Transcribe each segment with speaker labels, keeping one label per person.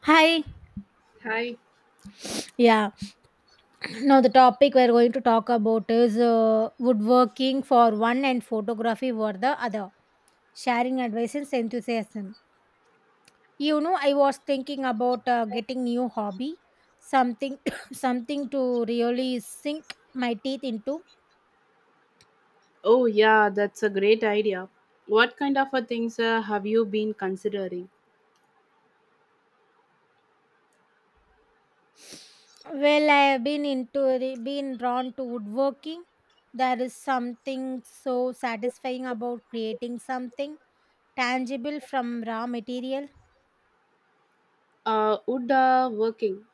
Speaker 1: Hi.
Speaker 2: Hi.
Speaker 1: Yeah. Now the topic we're going to talk about is woodworking for one and photography for the other. Sharing advice and enthusiasm. You know, I was thinking about getting new hobby, something, something to really sink my teeth into.
Speaker 2: Oh, yeah, that's a great idea. What kind of a things have you been considering?
Speaker 1: Well, I have been into been drawn to woodworking. There is something so satisfying about creating something tangible from raw material.
Speaker 2: Wood working.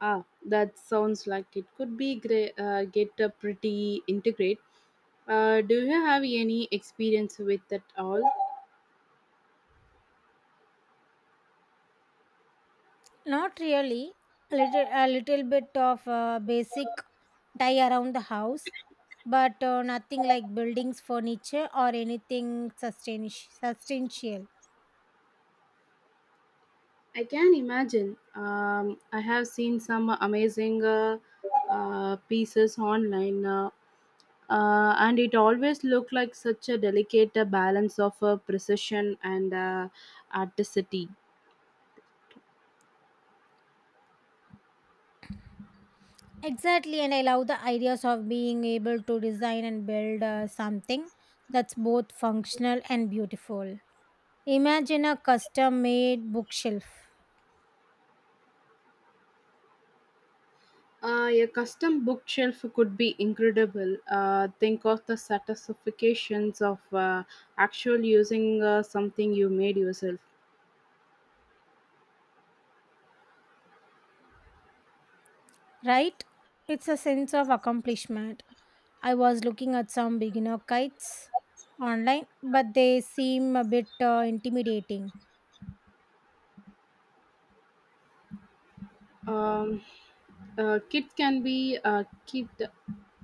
Speaker 2: Ah, that sounds like it could be great. Get pretty integrate. Do you have any experience with that all?
Speaker 1: Not really. A little bit of basic tie around the house, but nothing like buildings, furniture, or anything substantial.
Speaker 2: I can imagine. I have seen some amazing pieces online. And it always looked like such a delicate balance of precision and articity.
Speaker 1: Exactly, and I love the ideas of being able to design and build something that's both functional and beautiful. Imagine a custom made bookshelf,
Speaker 2: A custom bookshelf could be incredible. Think of the satisfactions of actual using something you made yourself.
Speaker 1: right? It's a sense of accomplishment. I was looking at some beginner kites online, but they seem a bit intimidating.
Speaker 2: Um, Kids can be kid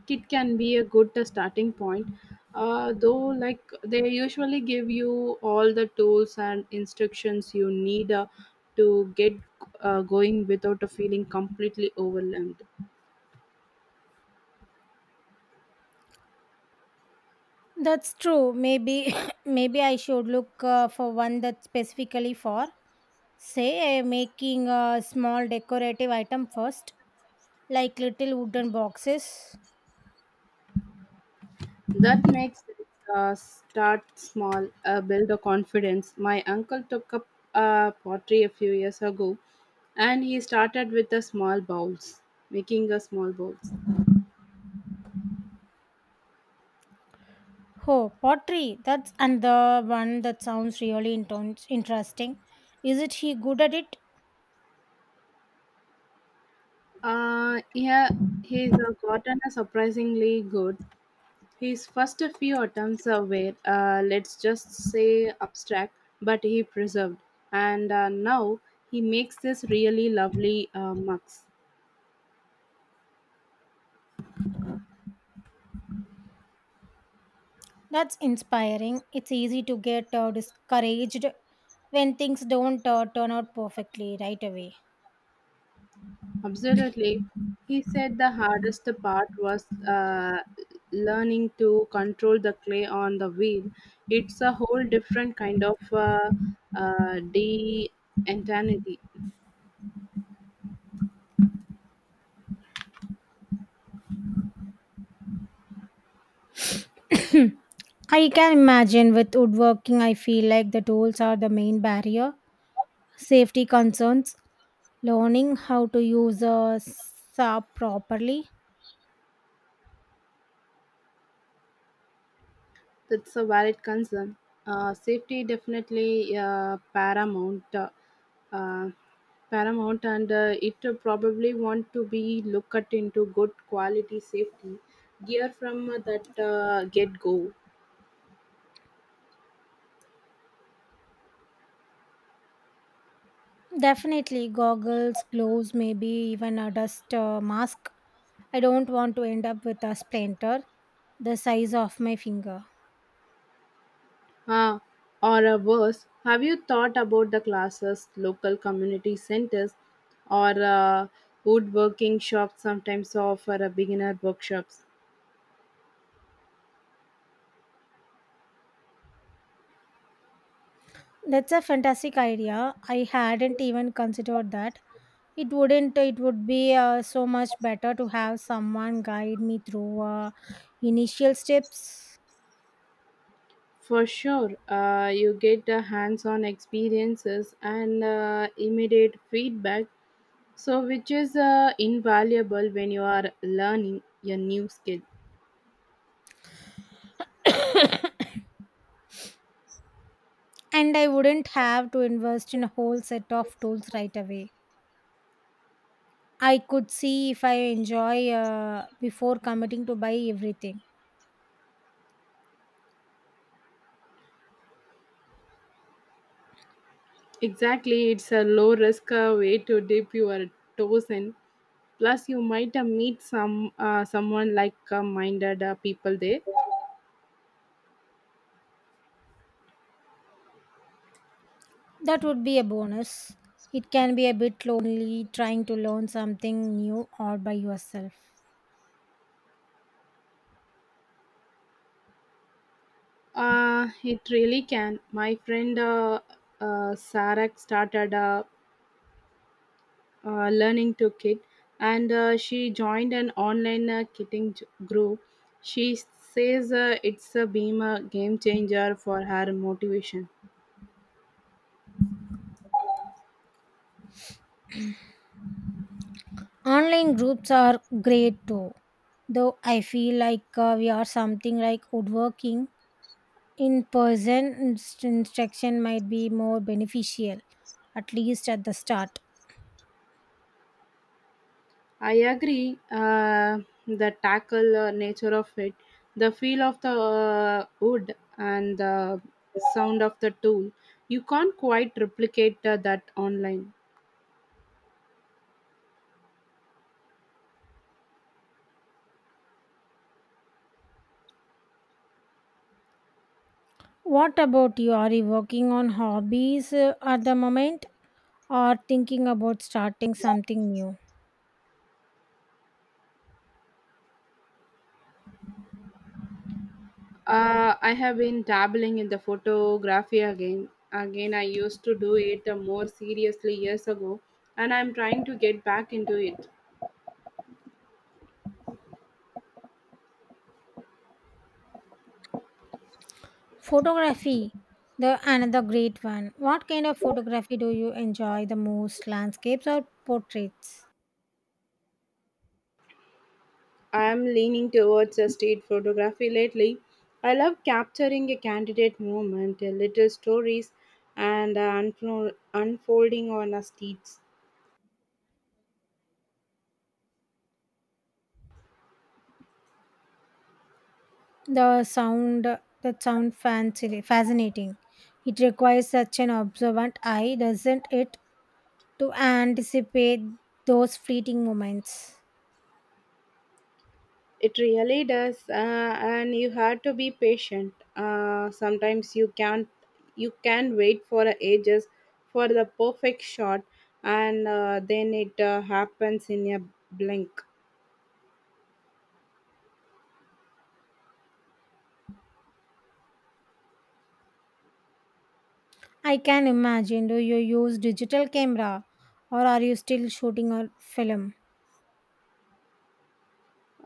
Speaker 2: it can be a good starting point, though. Like they usually give you all the tools and instructions you need to get going without feeling completely overwhelmed.
Speaker 1: That's true. Maybe maybe I should look for one that's specifically for say making a small decorative item first, like little wooden boxes.
Speaker 2: That makes it start small, build a confidence. My uncle took up pottery a few years ago, and he started with the small bowls, making a small bowls.
Speaker 1: Oh, pottery. That's another one that sounds really interesting. Is it he good at it?
Speaker 2: Yeah, he's gotten a surprisingly good. His first few attempts were, let's just say, abstract, but he preserved. And Now he makes this really lovely mux.
Speaker 1: That's inspiring. It's easy to get discouraged when things don't turn out perfectly right away.
Speaker 2: Absolutely. He said the hardest part was learning to control the clay on the wheel. It's a whole different kind of de-entity.
Speaker 1: I can imagine with woodworking, I feel like the tools are the main barrier. Safety concerns, learning how to use a saw properly.
Speaker 2: That's a valid concern. Safety definitely paramount, uh, paramount, and it probably want to be looked at into good quality safety gear from that get go.
Speaker 1: Definitely, goggles, gloves, maybe even a dust mask. I don't want to end up with a splinter the size of my finger.
Speaker 2: Uh, or worse, have you thought about the classes, local community centers, or woodworking shops sometimes offer a beginner workshops?
Speaker 1: That's a fantastic idea. I hadn't even considered that. It wouldn't. It would be so much better to have someone guide me through initial steps,
Speaker 2: For sure, you get the hands on experiences and immediate feedback, so which is invaluable when you are learning a new skill.
Speaker 1: and I wouldn't have to invest in a whole set of tools right away. I could see if I enjoy before committing to buy everything.
Speaker 2: Exactly, it's a low risk way to dip your toes in. Plus, you might meet someone like minded people there.
Speaker 1: That would be a bonus. It can be a bit lonely trying to learn something new all by yourself.
Speaker 2: It really can. My friend Sarah started learning to kit and she joined an online kitting group. She says it's a game changer for her motivation.
Speaker 1: Online groups are great too, though I feel like we are something like woodworking. In person, instruction might be more beneficial, at least at the start.
Speaker 2: I agree, the tackle nature of it, the feel of the wood and the sound of the tool, you can't quite replicate that online.
Speaker 1: What about you? Are you working on hobbies at the moment or thinking about starting something new?
Speaker 2: I have been dabbling in the photography again. I used to do it more seriously years ago, and I'm trying to get back into it.
Speaker 1: Photography, the another great one. What kind of photography do you enjoy the most? Landscapes or portraits?
Speaker 2: I'm leaning towards a state photography lately. I love capturing a candidate moment, little stories, and unfolding on a street.
Speaker 1: The sound that sound fancy fascinating. It requires such an observant eye, doesn't it, to anticipate those fleeting moments.
Speaker 2: It really does, and you have to be patient. Sometimes you can't you can wait for ages for the perfect shot, and then it happens in a blink.
Speaker 1: I can imagine. Do you use digital camera or are you still shooting a film?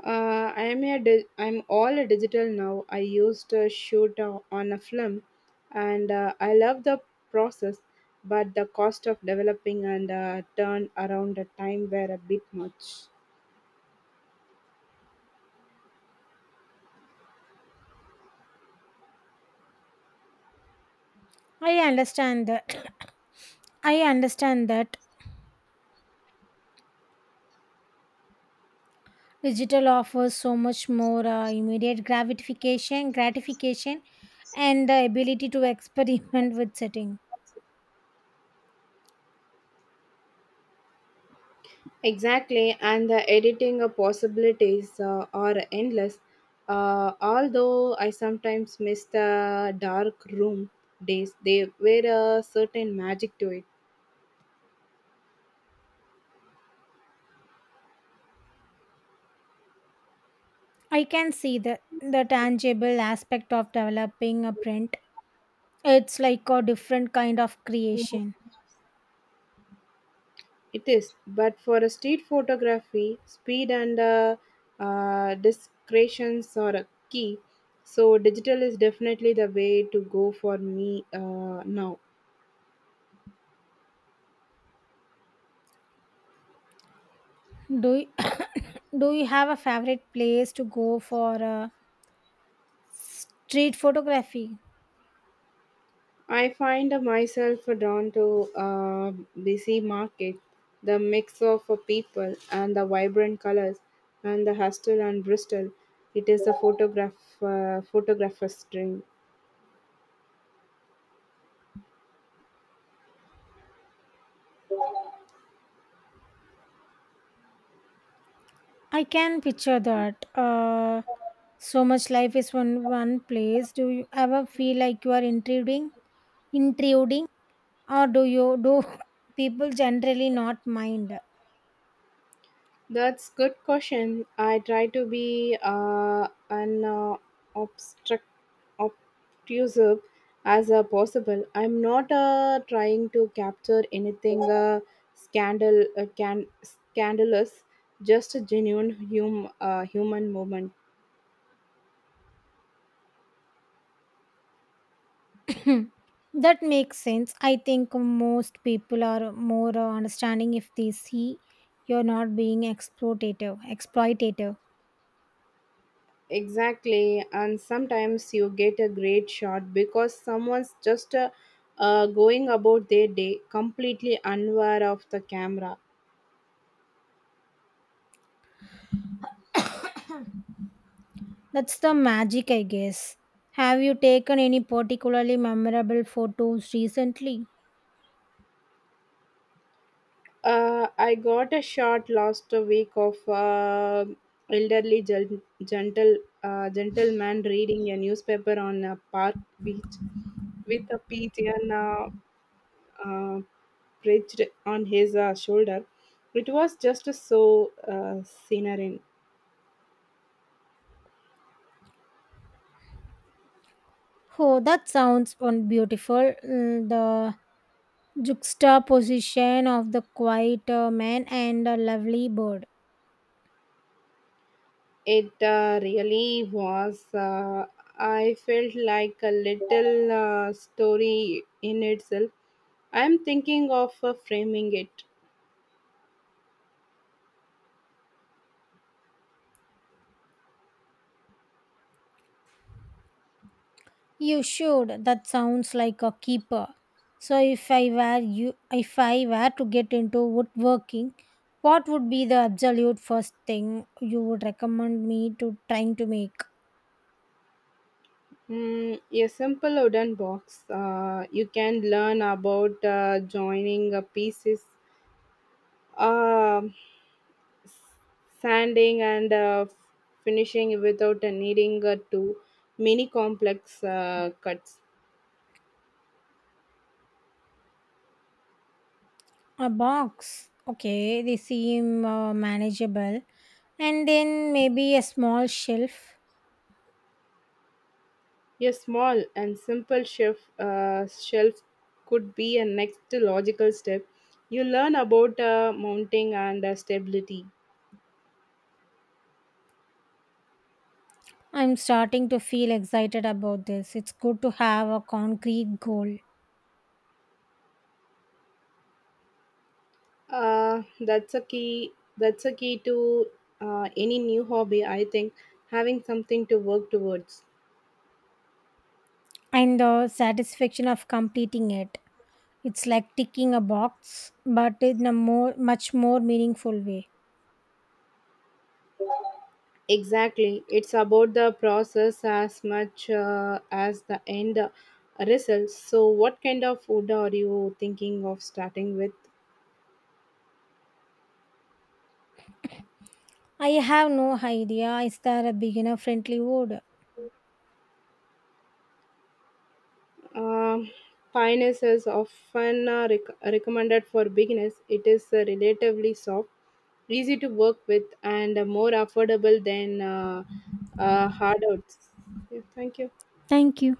Speaker 2: I'm a di- I'm all a digital now. I used to shoot on a film, and I love the process, but the cost of developing and turn around the time were a bit much.
Speaker 1: I understand that. I understand that digital offers so much more immediate gratification, and the ability to experiment with setting.
Speaker 2: Exactly, and the editing possibilities are endless. Although I sometimes miss the dark room days, they were a certain magic to it.
Speaker 1: I can see the tangible aspect of developing a print. It's like a different kind of creation.
Speaker 2: It is, but for a street photography, speed and discretions are a key. So digital is definitely the way to go for me now.
Speaker 1: Do you, do you have a favorite place to go for street photography?
Speaker 2: I find myself drawn to a busy market, the mix of people and the vibrant colors, and the hustle and Bristol. It is a photographer's dream.
Speaker 1: I can picture that. So much life is one place. Do you ever feel like you are intruding, or do you do people generally not mind?
Speaker 2: That's good question. I try to be an obstruct obtrusive as possible. I'm not trying to capture anything scandal can scandalous. Just a genuine human moment.
Speaker 1: Hmm. That makes sense. I think most people are more understanding if they see you're not being exploitative.
Speaker 2: Exactly, and sometimes you get a great shot because someone's just going about their day completely unaware of the camera.
Speaker 1: That's the magic, I guess. Have you taken any particularly memorable photos recently?
Speaker 2: I got a shot last week of elderly gentleman reading a newspaper on a park beach with a pigeon uh, perched on his shoulder. It was just so serene.
Speaker 1: Oh, that sounds beautiful. Mm, the juxtaposition of the quiet man and a lovely bird.
Speaker 2: It really was. I felt like a little story in itself. I'm thinking of framing it.
Speaker 1: You should. That sounds like a keeper. So if I were to get into woodworking, what would be the absolute first thing you would recommend me to trying to make?
Speaker 2: Mm, a simple wooden box. You can learn about joining pieces, uh, sanding, and finishing without needing to many complex cuts.
Speaker 1: A box. Okay, they seem manageable. And then maybe a small shelf.
Speaker 2: A small and simple shelf could be a next logical step. You learn about mounting and stability.
Speaker 1: I'm starting to feel excited about this. It's good to have a concrete goal
Speaker 2: That's a key. That's a key to any new hobby. I think having something to work towards.
Speaker 1: and the satisfaction of completing it. It's like ticking a box, but in a more much more meaningful way.
Speaker 2: Exactly, it's about the process as much as the end result. So, what kind of food are you thinking of starting with?
Speaker 1: I have no idea. Is there a beginner friendly word?
Speaker 2: Um, Pioneers is often recommended for beginners. It is relatively soft, easy to work with, and more affordable than hard outs. Yeah, thank you.
Speaker 1: Thank you.